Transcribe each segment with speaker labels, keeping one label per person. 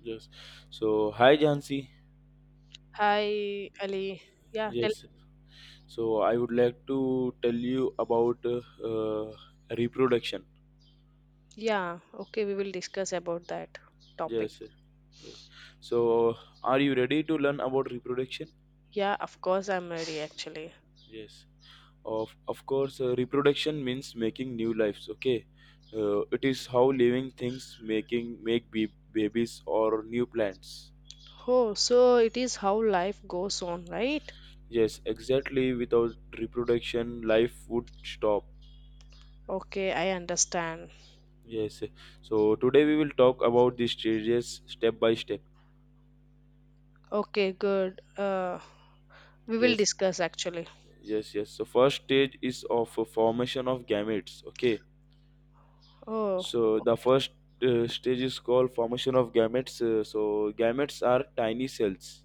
Speaker 1: Yes. So, hi Jansi.
Speaker 2: Hi, Ali. Yeah,
Speaker 1: Yes. So, I would like to tell you about reproduction.
Speaker 2: yeah, okay, we will discuss about that topic.
Speaker 1: Yes. Yes. So, are you ready to learn about reproduction?
Speaker 2: Yeah, of course, I'm ready actually.
Speaker 1: Yes. Of course, reproduction means making new lives. Okay. It is how living things making make babies or new plants.
Speaker 2: Oh, so it is how life goes on, right?
Speaker 1: Yes, exactly. Without reproduction, life would stop.
Speaker 2: Okay, I understand.
Speaker 1: Yes. Yes. So today we will talk about these stages step by step.
Speaker 2: Okay, good. We will
Speaker 1: Yes.
Speaker 2: discuss actually.
Speaker 1: Yes. Yes. So first stage is of a formation of gametes. Okay.
Speaker 2: Oh,
Speaker 1: So the first stage is called formation of gametes. So gametes are tiny cells.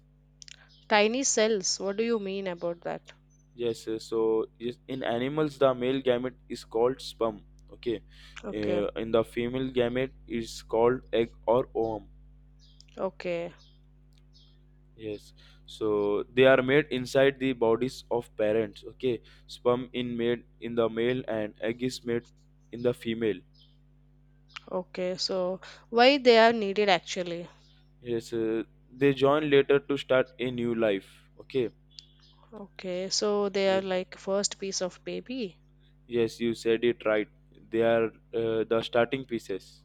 Speaker 2: tiny cells, what do you mean about that?
Speaker 1: Yes. So yes, in animals, the male gamete is called sperm. Okay.
Speaker 2: Okay,
Speaker 1: In the female gamete is called egg or ovum.
Speaker 2: okay,
Speaker 1: Yes, so they are made inside the bodies of parents. Okay, sperm in made in the male and egg is made in the female.
Speaker 2: okay. So why they are needed actually?
Speaker 1: Yes, they join later to start a new life. Okay.
Speaker 2: Okay, so they
Speaker 1: Yeah.
Speaker 2: are like first piece of baby.
Speaker 1: Yes, you said it right. They are the starting pieces.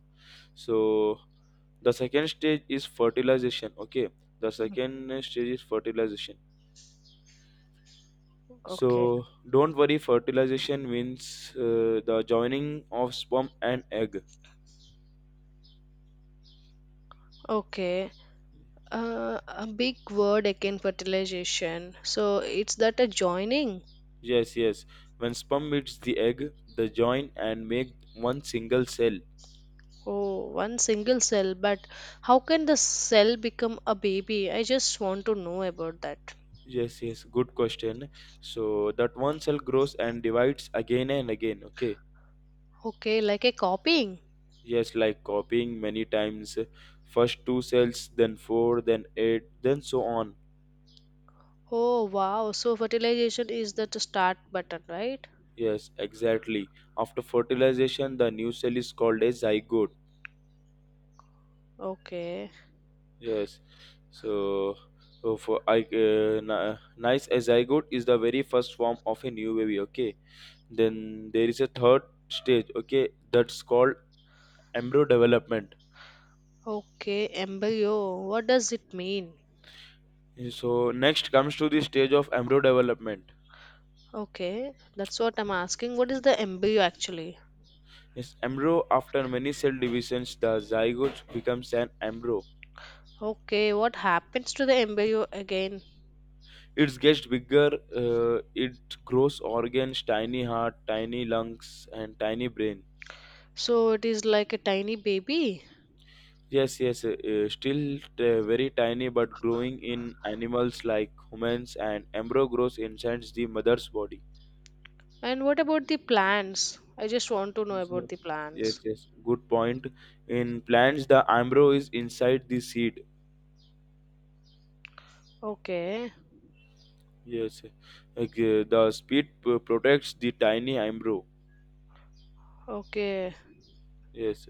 Speaker 1: So the second stage is fertilization. Okay, the
Speaker 2: Mhm.
Speaker 1: second stage is fertilization.
Speaker 2: Okay.
Speaker 1: So don't worry, fertilization means the joining of sperm and egg.
Speaker 2: Okay. A big word again fertilization so it's that a joining.
Speaker 1: Yes, yes. When sperm meets the egg, they join and make one single cell.
Speaker 2: Oh, one single cell, but how can the cell become a baby? I just want to know about that.
Speaker 1: Yes, yes. Good question. So that one cell grows and divides again and again. Okay.
Speaker 2: Okay, like a copying.
Speaker 1: Yes, like copying many times. First two cells, then four, then eight, then so on.
Speaker 2: Oh wow, so fertilization is the to start button, right?
Speaker 1: Yes, exactly. After fertilization, the new cell is called a zygote.
Speaker 2: Okay,
Speaker 1: Yes. So, nice a zygote is the very first form of a new baby. Okay, then there is a third stage, okay, that's called embryo development.
Speaker 2: okay, embryo, what does it mean?
Speaker 1: So next comes to the stage of embryo development.
Speaker 2: Okay, that's what I'm asking, what is the embryo actually?
Speaker 1: Is embryo, after many cell divisions the zygote becomes an embryo.
Speaker 2: Okay, what happens to the embryo again?
Speaker 1: It gets bigger. It grows organs, tiny heart, tiny lungs, and tiny brain.
Speaker 2: So it is like a tiny baby.
Speaker 1: Yes, yes. Still very tiny but growing. In animals like humans, and embryo grows inside the mother's body.
Speaker 2: And what about the plants? I just want to know about
Speaker 1: So-
Speaker 2: the
Speaker 1: Yes,
Speaker 2: plants.
Speaker 1: yes. Good point. In plants, the embryo is inside the seed.
Speaker 2: Okay,
Speaker 1: Yes. Okay, the seed protects the tiny embryo.
Speaker 2: okay.
Speaker 1: Yes,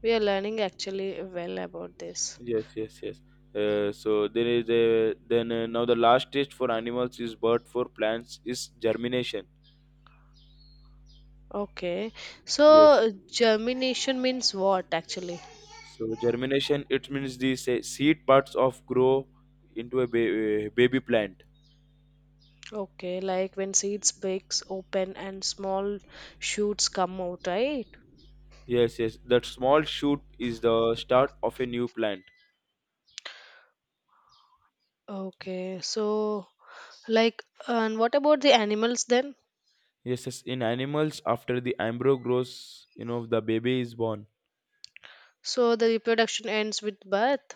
Speaker 2: We are learning actually well about this.
Speaker 1: yes, yes, yes. So there is a, then, now the last stage for animals is, but for plants is germination.
Speaker 2: Okay.
Speaker 1: Yes.
Speaker 2: So germination means what actually?
Speaker 1: So germination, it means the seed parts of grow into a baby plant.
Speaker 2: Okay, like when seeds breaks open and small shoots come out, right?
Speaker 1: Yes, yes. That small shoot is the start of a new plant.
Speaker 2: Okay. So, like, and what about the animals then?
Speaker 1: Yes, yes, in animals, after the embryo grows, the baby is born.
Speaker 2: So the reproduction ends with birth.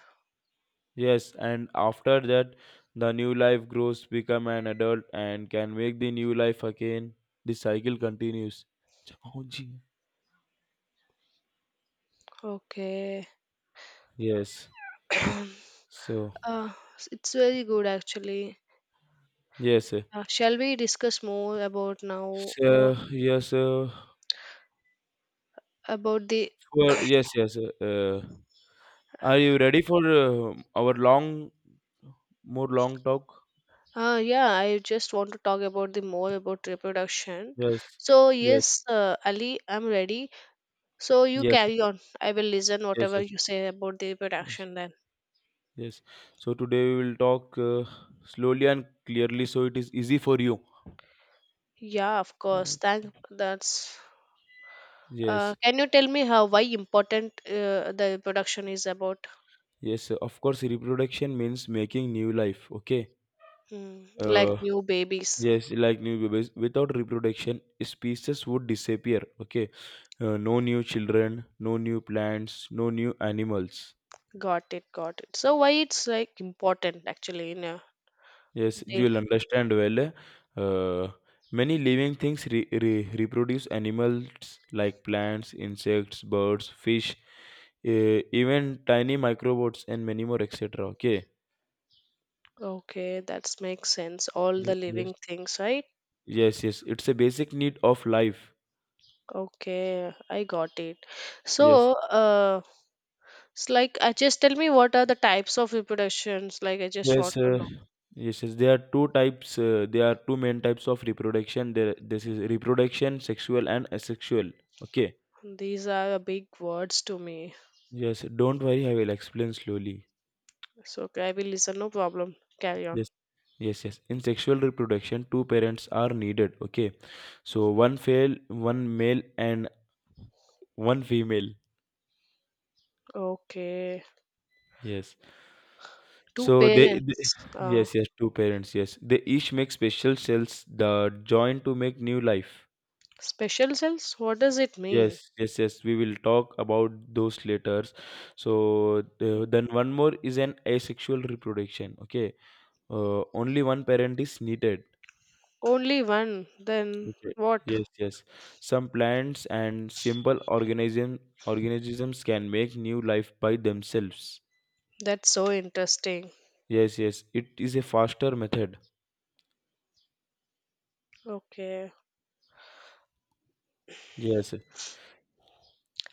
Speaker 1: Yes, and after that, the new life grows, become an adult, and can make the new life again. The cycle continues. Oh, gee.
Speaker 2: Okay.
Speaker 1: Yes. So
Speaker 2: uh, it's very good actually.
Speaker 1: yes,
Speaker 2: Shall we discuss more about now
Speaker 1: so yes,
Speaker 2: about the
Speaker 1: for yes, yes. Are you ready for our long, more long talk?
Speaker 2: yeah, I just want to talk about the more about reproduction.
Speaker 1: Yes,
Speaker 2: So
Speaker 1: yes,
Speaker 2: yes, Ali, I'm ready. So you
Speaker 1: yes,
Speaker 2: carry on, I will listen
Speaker 1: yes,
Speaker 2: whatever
Speaker 1: yes,
Speaker 2: you say about the
Speaker 1: yes.
Speaker 2: reproduction then.
Speaker 1: Yes. So today we will talk slowly and clearly so it is easy for you.
Speaker 2: Yeah, of
Speaker 1: Oh,
Speaker 2: course, thank that's.
Speaker 1: yes.
Speaker 2: Can you tell me how why important the reproduction is about.
Speaker 1: Yes. Of course, reproduction means making new life. Okay.
Speaker 2: Hmm, like
Speaker 1: Uh,
Speaker 2: new babies.
Speaker 1: yes, like new babies. Without reproduction, species would disappear. Okay. No new children, no new plants, no new animals.
Speaker 2: Got it, got it, so why it's like important actually in a.
Speaker 1: Yes, you will understand well. Uh, Many living things reproduce animals like plants, insects, birds, fish, even tiny microbots, and many more, etc. Okay.
Speaker 2: Okay, that makes sense. All the
Speaker 1: Yes.
Speaker 2: living things, right?
Speaker 1: Yes, yes. It's a basic need of life.
Speaker 2: Okay, I got it.
Speaker 1: Yes.
Speaker 2: So, it's like, just tell me what are the types of reproductions? Like, I just want
Speaker 1: Yes.
Speaker 2: to know.
Speaker 1: Yes, yes. There are two types. There are two main types of reproduction. There, this is reproduction, sexual and asexual. Okay.
Speaker 2: These are big words to me.
Speaker 1: Yes. Don't worry. I will explain slowly.
Speaker 2: So, okay, I will listen, no problem. Carry on.
Speaker 1: Yes, yes, yes. In sexual reproduction, two parents are needed. Okay, so one male, and one female.
Speaker 2: Okay,
Speaker 1: Yes.
Speaker 2: two
Speaker 1: So
Speaker 2: parents,
Speaker 1: yes, yes, two parents. Yes, they each make special cells that join to make new life.
Speaker 2: special cells. What does it mean?
Speaker 1: Yes, yes, yes. We will talk about those later. So then one more is an asexual reproduction. Okay. Only one parent is needed.
Speaker 2: Only one. Then
Speaker 1: Okay.
Speaker 2: what?
Speaker 1: Yes, yes. Some plants and simple organisms can make new life by themselves.
Speaker 2: That's so interesting.
Speaker 1: Yes, yes. It is a faster method.
Speaker 2: Okay.
Speaker 1: Yes,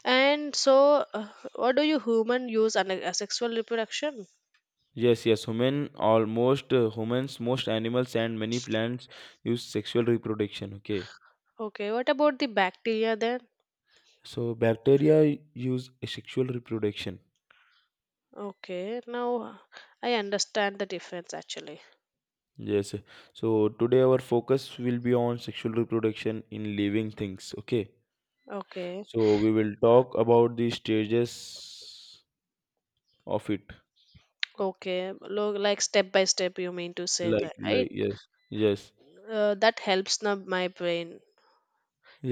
Speaker 2: And so, what do you human use a sexual reproduction?
Speaker 1: yes, yes. Humans, most animals, and many plants use sexual reproduction. Okay,
Speaker 2: Okay, what about the bacteria then?
Speaker 1: so bacteria use sexual reproduction.
Speaker 2: Okay, now I understand the difference actually.
Speaker 1: Yes, so today our focus will be on sexual reproduction in living things. Okay,
Speaker 2: Okay,
Speaker 1: so we will talk about the stages of it.
Speaker 2: okay, like step by step, you mean to say that, right?
Speaker 1: Yes, yes,
Speaker 2: That helps now my brain.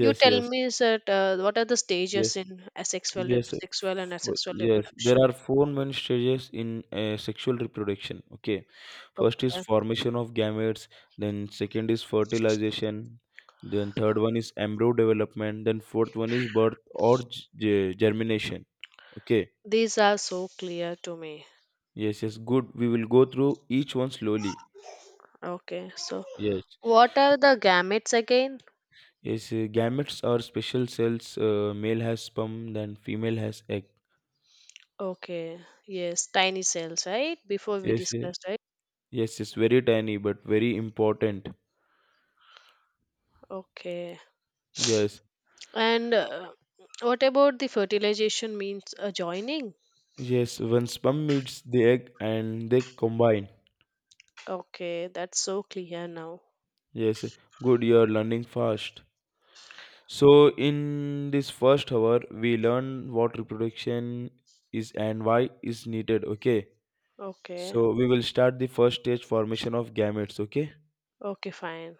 Speaker 2: You tell
Speaker 1: yes,
Speaker 2: me that what are the
Speaker 1: yes,
Speaker 2: stages in asexual,
Speaker 1: yes.
Speaker 2: sexual and asexual
Speaker 1: Yes, there
Speaker 2: reproduction?
Speaker 1: are four main stages in sexual reproduction. Okay, first is
Speaker 2: Okay,
Speaker 1: formation of gametes, then second is fertilization, then third one is embryo development, then fourth one is birth or germination. Okay.
Speaker 2: these are so clear to me.
Speaker 1: Yes, yes. Good, we will go through each one slowly.
Speaker 2: Okay, so
Speaker 1: Yes,
Speaker 2: what are the gametes again?
Speaker 1: yes. Gametes are special cells. Male has sperm, then female has egg.
Speaker 2: Okay, yes, tiny cells, right? Before we
Speaker 1: Yes, yes.
Speaker 2: discussed, right?
Speaker 1: Yes, it's very tiny but very important.
Speaker 2: Okay.
Speaker 1: Yes,
Speaker 2: And what about the fertilization means adjoining?
Speaker 1: yes. When sperm meets the egg and they combine.
Speaker 2: Okay, that's so clear now.
Speaker 1: Yes, good. You are learning fast. So in this first hour, we learn what reproduction is and why is needed. Okay.
Speaker 2: Okay,
Speaker 1: So we will start the first stage formation of gametes. Okay.
Speaker 2: okay, fine.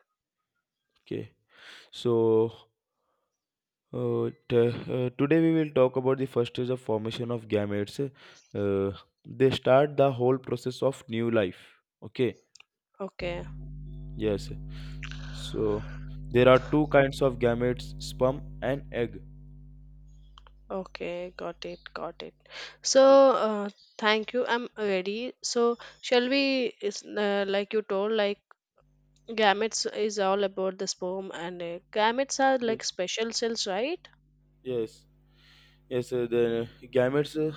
Speaker 1: Okay. So. Today we will talk about the first stage of formation of gametes. Uh, they start the whole process of new life. Okay.
Speaker 2: Okay,
Speaker 1: Yes. So there are two kinds of gametes, sperm and egg.
Speaker 2: okay, got it, got it. So,
Speaker 1: Yes.
Speaker 2: uh, thank you. I'm ready. So, shall we, is, like you told, like gametes is all about the sperm and egg. Gametes are
Speaker 1: Yes.
Speaker 2: like special cells, right?
Speaker 1: Yes. Yes. The gametes,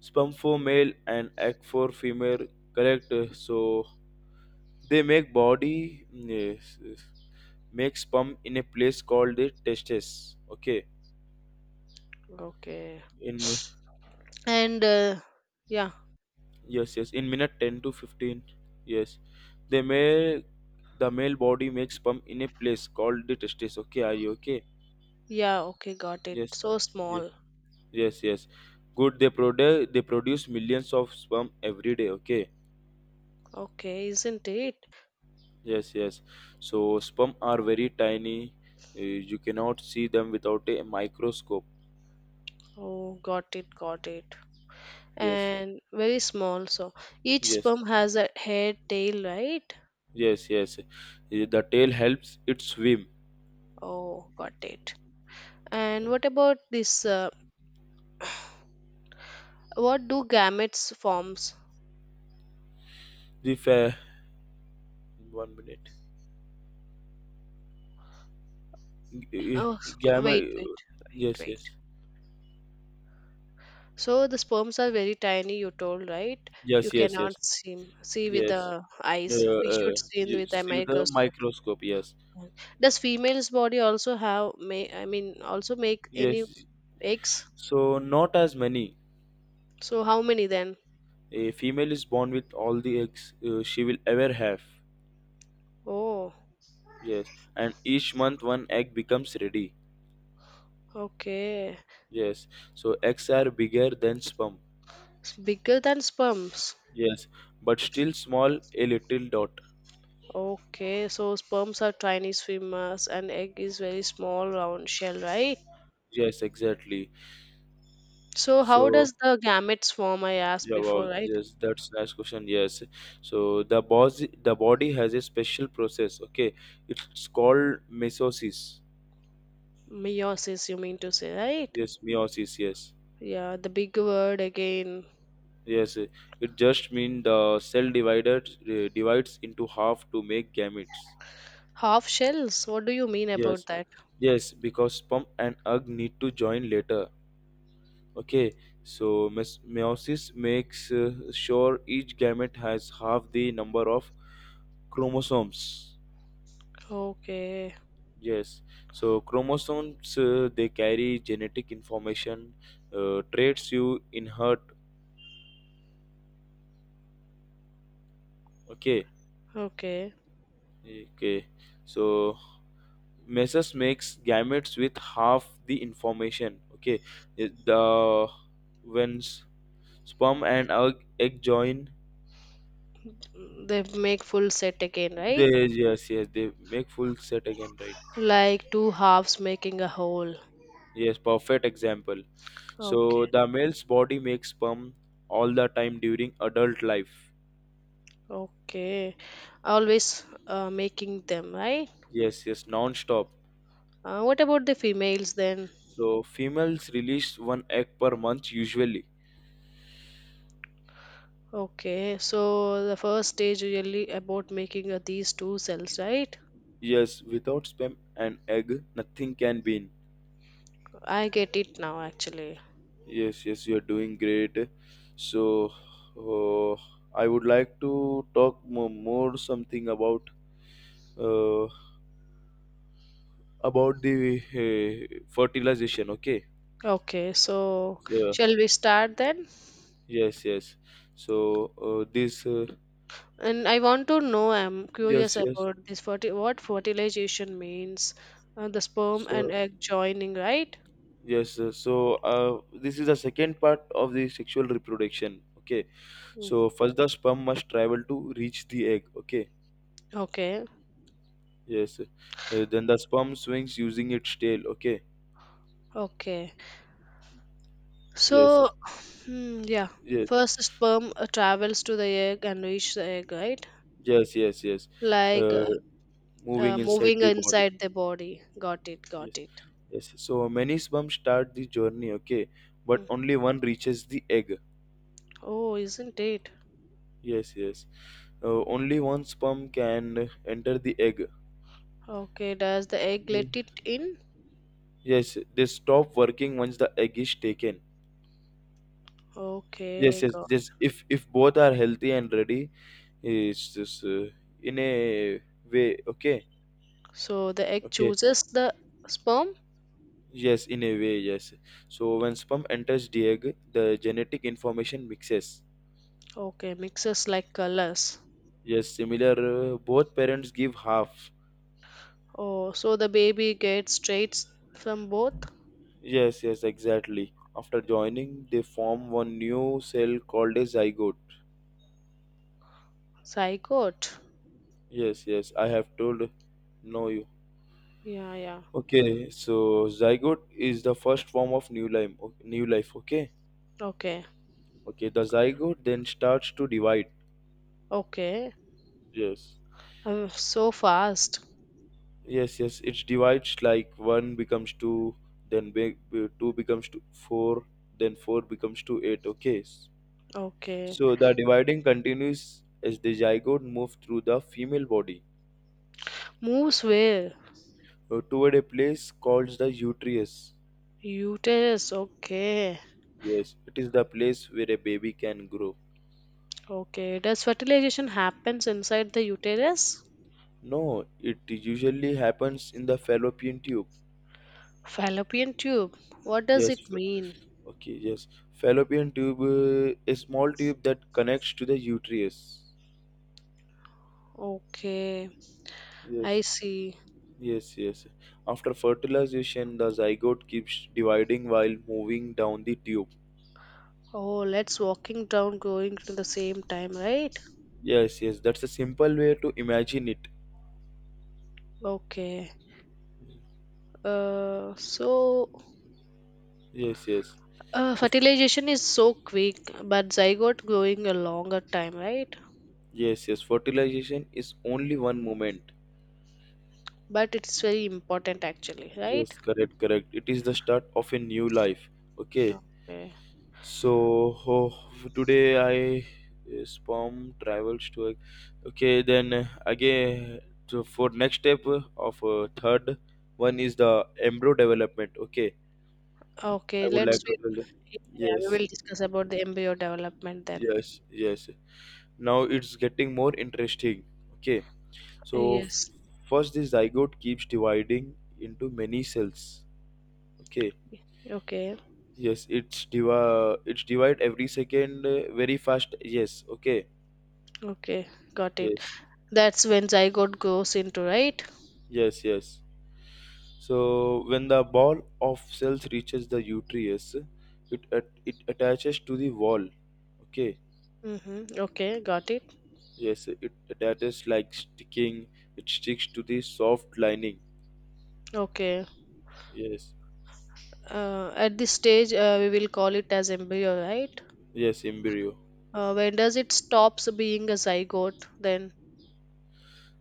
Speaker 1: sperm for male and egg for female. Correct. So they make body mm, yes, yes, make sperm in a place called the testes. Okay.
Speaker 2: Okay.
Speaker 1: In
Speaker 2: And yeah.
Speaker 1: Yes, yes. In minute 10 to 15. Yes. They make the male body makes sperm in a place called the testes. Okay. Are you okay?
Speaker 2: Yeah, okay, got it.
Speaker 1: Yes. uh,
Speaker 2: So small.
Speaker 1: Yes, yes. Good. They produce millions of sperm every day. Okay.
Speaker 2: Okay, isn't it?
Speaker 1: Yes, yes. So sperm are very tiny. You cannot see them without a microscope.
Speaker 2: Oh, got it, got it.
Speaker 1: Yes,
Speaker 2: And very small. So each
Speaker 1: yes,
Speaker 2: sperm has a hair tail, right?
Speaker 1: yes, yes. The tail helps it swim.
Speaker 2: Oh, got it. And
Speaker 1: Yes.
Speaker 2: what about this? What do gametes forms?
Speaker 1: The uh, One minute,
Speaker 2: Oh,
Speaker 1: gamma.
Speaker 2: wait, wait, wait,
Speaker 1: Yes,
Speaker 2: wait.
Speaker 1: yes,
Speaker 2: So the sperms are very tiny. You told, right? You
Speaker 1: yes, yes, yes,
Speaker 2: cannot see with
Speaker 1: yes.
Speaker 2: the eyes. We should see
Speaker 1: You
Speaker 2: with a
Speaker 1: see with the
Speaker 2: microscope.
Speaker 1: microscope. Yes,
Speaker 2: Right. Does female's body also have may I mean also make any
Speaker 1: yes.
Speaker 2: eggs?
Speaker 1: So not as many.
Speaker 2: So how many then?
Speaker 1: A female is born with all the eggs she will ever have.
Speaker 2: Oh,
Speaker 1: Yes, and each month one egg becomes ready.
Speaker 2: okay.
Speaker 1: Yes, so eggs are bigger than sperm.
Speaker 2: It's bigger than sperms.
Speaker 1: Yes, but still small, a little dot.
Speaker 2: Okay, so sperms are Chinese femurs and egg is very small round shell, right?
Speaker 1: Yes, exactly.
Speaker 2: So how
Speaker 1: So
Speaker 2: does the gametes form? I asked
Speaker 1: yeah, wow,
Speaker 2: before, right?
Speaker 1: yes, that's nice question. Yes, so the body has a special process. Okay, it's called meiosis.
Speaker 2: Meiosis, you mean to say, right?
Speaker 1: Yes, meiosis. Yes.
Speaker 2: Yeah, the big word again.
Speaker 1: Yes, it just means the cell divider divides into half to make gametes.
Speaker 2: Half shells. What do you mean
Speaker 1: Yes,
Speaker 2: about that?
Speaker 1: yes, because sperm and egg need to join later. Okay, so meiosis makes sure each gamete has half the number of chromosomes.
Speaker 2: Okay,
Speaker 1: Yes, so chromosomes they carry genetic information, traits you inherit. Okay,
Speaker 2: okay.
Speaker 1: okay, so Mesos makes gametes with half the information. Okay, It- the when sperm and egg join,
Speaker 2: Mm. They make full set again, right?
Speaker 1: they yes, yes, they make full set again, right?
Speaker 2: Like two halves making a whole.
Speaker 1: Yes, perfect example. So
Speaker 2: Okay,
Speaker 1: the male's body makes sperm all the time during adult life.
Speaker 2: okay. Always making them, right?
Speaker 1: Yes, yes, non-stop.
Speaker 2: What about the females then?
Speaker 1: So females release one egg per month usually.
Speaker 2: Okay, so the first stage really about making these two cells, right?
Speaker 1: Yes, without sperm and egg, nothing can be.
Speaker 2: I get it now actually.
Speaker 1: Yes, yes, you're doing great. So, uh, I would like to talk more something uh, about the fertilization. Okay.
Speaker 2: Okay, so
Speaker 1: Yeah.
Speaker 2: shall we start then?
Speaker 1: Yes. Yes. So this.
Speaker 2: And I want to know, I'm
Speaker 1: Yes.
Speaker 2: curious
Speaker 1: Yes.
Speaker 2: about this what fertilization means, the sperm and
Speaker 1: So
Speaker 2: egg joining, right?
Speaker 1: this is the second part of the sexual reproduction. Okay.
Speaker 2: Mm,
Speaker 1: So first, the sperm must travel to reach the egg. Okay.
Speaker 2: okay,
Speaker 1: Yes. Then the sperm swings using its tail. Okay.
Speaker 2: okay.
Speaker 1: Yes.
Speaker 2: So, hmm, yeah.
Speaker 1: Yes.
Speaker 2: First, sperm travels to the egg and reach the egg, right?
Speaker 1: Yes, yes, yes.
Speaker 2: Like
Speaker 1: Uh, moving inside
Speaker 2: moving
Speaker 1: the body.
Speaker 2: inside the body. Got it,
Speaker 1: Yes,
Speaker 2: got it.
Speaker 1: yes. So many sperms start the journey, okay, but
Speaker 2: Hmm.
Speaker 1: only one reaches the egg.
Speaker 2: Oh, isn't it?
Speaker 1: Yes, yes. Only one sperm can enter the egg.
Speaker 2: Okay, does the egg
Speaker 1: Ye-
Speaker 2: let it in?
Speaker 1: Yes, they stop working once the egg is taken. Yes,
Speaker 2: Okay,
Speaker 1: yes,
Speaker 2: got.
Speaker 1: yes. If both are healthy and ready, it's just in a way, okay,
Speaker 2: So the egg
Speaker 1: okay.
Speaker 2: chooses the sperm.
Speaker 1: Yes, in a way, yes. So when sperm enters the egg, the genetic information mixes.
Speaker 2: Okay, mixes like colors.
Speaker 1: Yes, similar. Both parents give half.
Speaker 2: Oh, so the baby gets traits from both
Speaker 1: Yes, yes, exactly. After joining, they form one new cell called a zygote.
Speaker 2: zygote.
Speaker 1: Yes, yes, I have told. No, you.
Speaker 2: Yeah, yeah.
Speaker 1: Okay, so zygote is the first form of new life. New life. Okay.
Speaker 2: Okay,
Speaker 1: Okay, the zygote then starts to divide.
Speaker 2: okay.
Speaker 1: Yes,
Speaker 2: So fast.
Speaker 1: yes, yes. It divides like one becomes two, then two becomes to four, then four becomes to eight. Okay,
Speaker 2: Okay,
Speaker 1: so the dividing continues as the zygote moves through the female body
Speaker 2: moves well.
Speaker 1: toward a place called the uterus.
Speaker 2: Uterus, okay.
Speaker 1: Yes, it is the place where a baby can grow.
Speaker 2: Okay. Does fertilization happens inside the uterus?
Speaker 1: No, it usually happens in the fallopian tube.
Speaker 2: Fallopian tube. What does
Speaker 1: Yes,
Speaker 2: it mean?
Speaker 1: okay, yes. Fallopian tube, a small tube that connects to the uterus.
Speaker 2: Okay. I
Speaker 1: Yes,
Speaker 2: see.
Speaker 1: yes, yes. After fertilization, the zygote keeps dividing while moving down the tube.
Speaker 2: Oh, let's walking down going to the same time, right?
Speaker 1: Yes, yes, that's a simple way to imagine it.
Speaker 2: Okay. So
Speaker 1: Yes, yes. So,
Speaker 2: fertilization is so quick, but zygote growing a longer time, right?
Speaker 1: yes, yes. Fertilization is only one moment.
Speaker 2: But it's very important actually, right?
Speaker 1: Yes, correct, correct. It is the start of a new life. Okay.
Speaker 2: Okay.
Speaker 1: So, ho today I sperm travels to. Okay, then again, so for next step of third one is the embryo development. Okay, I
Speaker 2: Okay,
Speaker 1: would
Speaker 2: let's.
Speaker 1: like to
Speaker 2: Yeah,
Speaker 1: tell you.
Speaker 2: yeah, we
Speaker 1: Yes,
Speaker 2: will discuss about the embryo development then.
Speaker 1: yes. Now it's getting more interesting. Okay. So f-
Speaker 2: Yes.
Speaker 1: First, this zygote keeps dividing into many cells. Okay.
Speaker 2: Okay.
Speaker 1: Yes, it's divide every second very fast. Yes. Okay.
Speaker 2: Okay. Got it.
Speaker 1: Yes.
Speaker 2: That's when zygote goes into, right?
Speaker 1: Yes. Yes. So when the ball of cells reaches the uterus, it attaches to the wall. Okay.
Speaker 2: Mm-hmm. Okay. Got it.
Speaker 1: Yes. It attaches like sticking. It sticks to the soft lining.
Speaker 2: Okay.
Speaker 1: Yes.
Speaker 2: At this stage, we will call it as embryo, right?
Speaker 1: Yes. Embryo.
Speaker 2: When does it stops being a zygote? Then.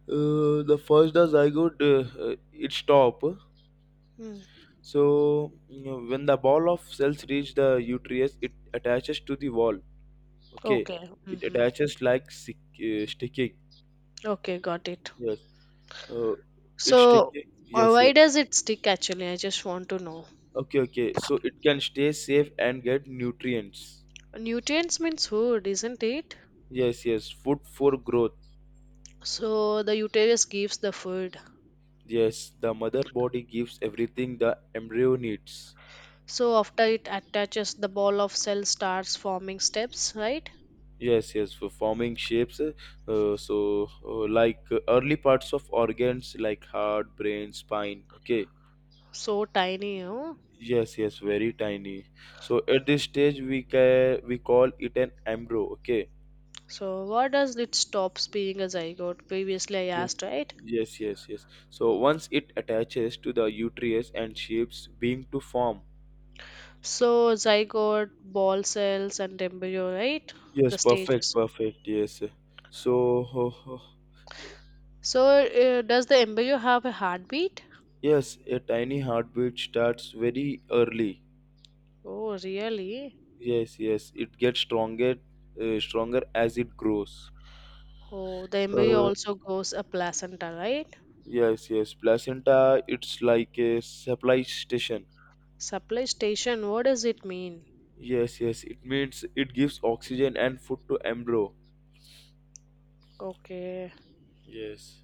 Speaker 1: The zygote its top.
Speaker 2: Mm.
Speaker 1: So you know, when the ball of cells reach the uterus, it attaches to the wall. Okay,
Speaker 2: Okay.
Speaker 1: it
Speaker 2: Mm-hmm.
Speaker 1: attaches like sticking.
Speaker 2: Okay. Got it.
Speaker 1: Yes, uh, it's
Speaker 2: So,
Speaker 1: sticking. Yes, yes.
Speaker 2: why does it stick? Actually, I just want to know.
Speaker 1: Okay, okay. So it can stay safe and get nutrients.
Speaker 2: Nutrients means food, isn't it?
Speaker 1: Yes, yes. Food for growth.
Speaker 2: So the uterus gives the food.
Speaker 1: Yes, the mother body gives everything the embryo needs.
Speaker 2: So after it attaches, the ball of cell starts forming steps, right?
Speaker 1: Yes, yes. For forming shapes, so like early parts of organs like heart, brain, spine. Okay.
Speaker 2: So tiny.
Speaker 1: Yes, yes, very tiny. So at this stage, we call it an embryo. Okay.
Speaker 2: So what does it stops being a zygote? Previously I
Speaker 1: Yes.
Speaker 2: asked, right?
Speaker 1: Yes. So once it attaches to the uterus and shapes being to form.
Speaker 2: So zygote, ball cells, and embryo, right?
Speaker 1: Yes,
Speaker 2: The
Speaker 1: perfect,
Speaker 2: stages.
Speaker 1: perfect. Yes. So
Speaker 2: So does the embryo have a heartbeat?
Speaker 1: yes, a tiny heartbeat starts very early.
Speaker 2: Oh, really?
Speaker 1: Yes, yes. It gets stronger, stronger as it grows.
Speaker 2: Oh, the embryo
Speaker 1: Uh,
Speaker 2: also goes a placenta, right?
Speaker 1: yes, yes. Placenta, it's like a supply station.
Speaker 2: Supply station. What does it mean?
Speaker 1: Yes, yes. It means it gives oxygen and food to embryo.
Speaker 2: Okay.
Speaker 1: Yes.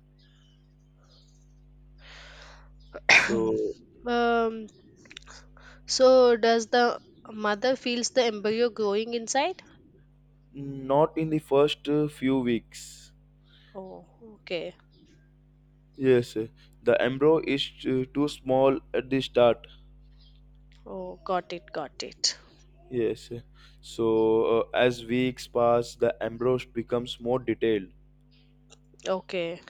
Speaker 1: So
Speaker 2: um, So does the mother feels the embryo growing inside?
Speaker 1: not in the first few weeks.
Speaker 2: Oh, okay.
Speaker 1: Yes, the embryo is too small at the start.
Speaker 2: Oh, got it, got it.
Speaker 1: Yes. So as weeks pass, the embryo becomes more detailed.
Speaker 2: Okay.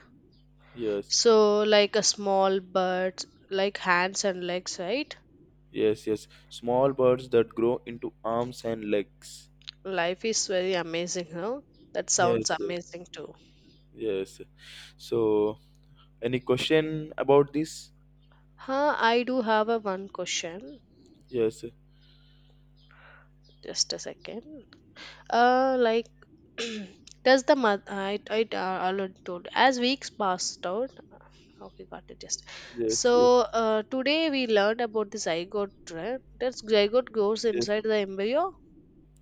Speaker 1: Yes,
Speaker 2: So like a small bird, like hands and legs, right?
Speaker 1: yes. Small birds that grow into arms and legs.
Speaker 2: Life is very amazing, huh? That sounds
Speaker 1: Yes, yes,
Speaker 2: amazing too.
Speaker 1: yes. So any question about this?
Speaker 2: Huh, I do have a one question.
Speaker 1: Yes,
Speaker 2: Just a second. Like, does the month? I already told. As weeks passed out, okay, got it. Just
Speaker 1: yes, yes,
Speaker 2: so today we learned about the zygote, right? That zygote goes
Speaker 1: yes.
Speaker 2: inside the embryo.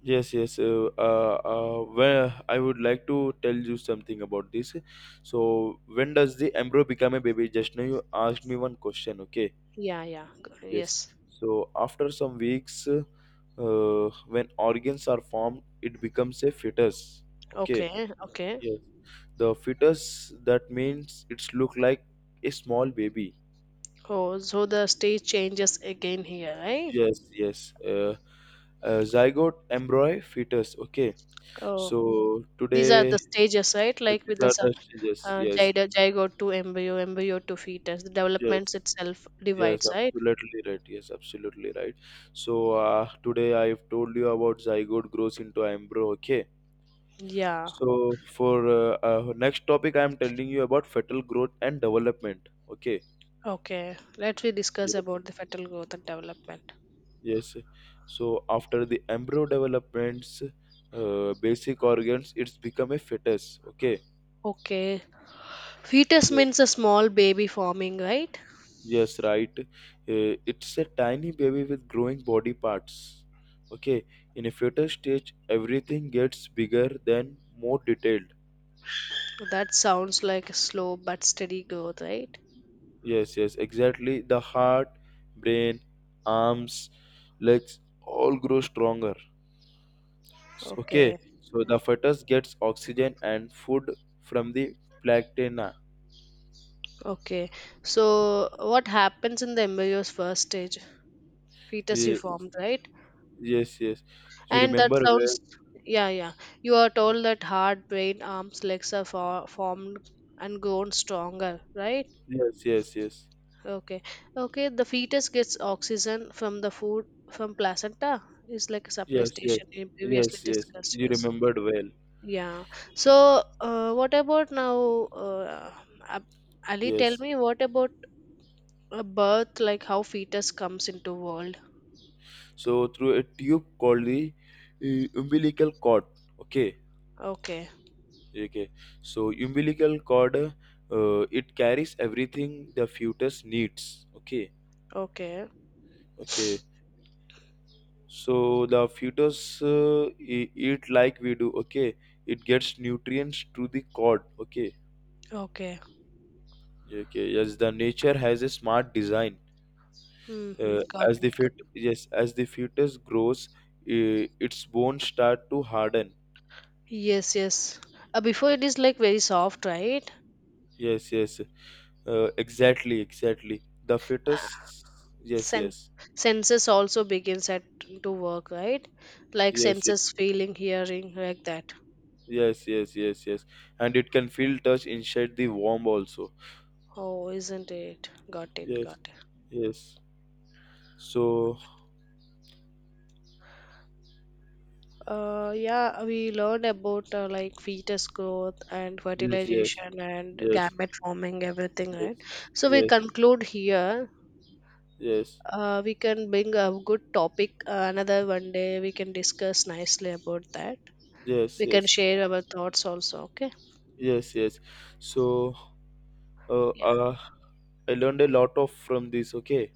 Speaker 1: Yes, yes. Well, I would like to tell you something about this. So, when does the embryo become a baby? Just now you asked me one question, okay?
Speaker 2: Yeah, yeah,
Speaker 1: Yes.
Speaker 2: yes.
Speaker 1: So, after some weeks, when organs are formed, it becomes a fetus, okay?
Speaker 2: Okay, okay.
Speaker 1: Yes. The fetus, that means it's look like a small baby.
Speaker 2: Oh, so the stage changes again here, right?
Speaker 1: Yes, yes. Zygote, embryo, fetus, okay?
Speaker 2: Oh,
Speaker 1: So,
Speaker 2: these are the
Speaker 1: today
Speaker 2: stages, right?
Speaker 1: yes,
Speaker 2: Like
Speaker 1: these
Speaker 2: with the
Speaker 1: are the yes, yes,
Speaker 2: zygote,
Speaker 1: yes,
Speaker 2: zygote to embryo, embryo to fetus. The
Speaker 1: yes,
Speaker 2: developments itself
Speaker 1: yes,
Speaker 2: divides, right?
Speaker 1: absolutely right. Yes, absolutely right. So today I've told you about zygote grows into embryo. Okay.
Speaker 2: Yeah.
Speaker 1: So for next topic, I'm telling you about fetal growth and development. Okay.
Speaker 2: Okay, let we discuss
Speaker 1: Yes.
Speaker 2: about the fetal growth and development.
Speaker 1: Yes. So after the embryo developments, basic organs, it's become a fetus. Okay.
Speaker 2: Okay, fetus
Speaker 1: Yes.
Speaker 2: means a small baby forming, right?
Speaker 1: Yes, right. It's a tiny baby with growing body parts. Okay, in a fetal stage, everything gets bigger than more detailed.
Speaker 2: That sounds like a slow but steady growth, right?
Speaker 1: Yes, yes, exactly. The heart, brain, arms, legs all grow stronger. Okay,
Speaker 2: Okay,
Speaker 1: so the fetus gets oxygen and food from the placenta.
Speaker 2: okay. So, what happens in the embryo's first stage? Fetus you
Speaker 1: Ye-
Speaker 2: formed, right?
Speaker 1: Yes, yes. You
Speaker 2: And that
Speaker 1: remember well.
Speaker 2: sounds, yeah, yeah. You are told that heart, brain, arms, legs are formed and grown stronger, right?
Speaker 1: Yes, yes, yes.
Speaker 2: Okay. Okay, the fetus gets oxygen from the food from placenta. It's like a supply
Speaker 1: Yes, yes.
Speaker 2: station we previously
Speaker 1: Yes, yes.
Speaker 2: discussed,
Speaker 1: You
Speaker 2: yes.
Speaker 1: remembered well.
Speaker 2: Yeah. So, what about now, uh, Ab- Ali, tell
Speaker 1: Yes.
Speaker 2: me what about a birth, like how fetus comes into world?
Speaker 1: So through a tube called the umbilical cord. Okay.
Speaker 2: Okay.
Speaker 1: Okay. So umbilical cord, it carries everything the fetus needs. Okay.
Speaker 2: Okay.
Speaker 1: Okay. So the fetus eat like we do. Okay. It gets nutrients through the cord. Okay.
Speaker 2: Okay.
Speaker 1: Okay. Yes. The nature has a smart design.
Speaker 2: Mm-hmm.
Speaker 1: Uh,
Speaker 2: Got it. Got it.
Speaker 1: yes, as the fetus grows, its bones start to harden.
Speaker 2: Yes, yes. Before it is like very soft, right?
Speaker 1: Yes, yes. Exactly, exactly. The fetus. Yes,
Speaker 2: Sen-
Speaker 1: yes,
Speaker 2: senses also begins at to work, right? Like
Speaker 1: yes, it,
Speaker 2: senses, feeling, hearing, like that.
Speaker 1: yes, yes, yes, yes. And it can feel touch inside the womb also.
Speaker 2: Oh, isn't it? Got it,
Speaker 1: Yes,
Speaker 2: got it.
Speaker 1: yes. So
Speaker 2: Yeah, we learned about like fetus growth and
Speaker 1: yes, yes,
Speaker 2: fertilization and
Speaker 1: yes,
Speaker 2: gamete forming, everything, right?
Speaker 1: yes,
Speaker 2: So we
Speaker 1: yes,
Speaker 2: conclude here.
Speaker 1: yes,
Speaker 2: We can bring a good topic another one day. We can discuss nicely about that.
Speaker 1: yes,
Speaker 2: We can
Speaker 1: yes,
Speaker 2: share our thoughts also. Okay.
Speaker 1: yes, yes. So uh,
Speaker 2: Yeah.
Speaker 1: uh, I learned a lot of from this. Okay.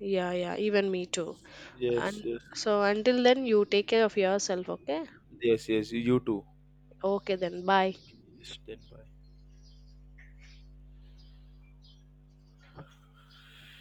Speaker 2: Yeah. Yeah. Even me too.
Speaker 1: Yes, yes,
Speaker 2: And
Speaker 1: yes,
Speaker 2: so until then, you take care of yourself, okay?
Speaker 1: yes. Yes, you too.
Speaker 2: Okay, then, bye.
Speaker 1: Okay, yes, then bye.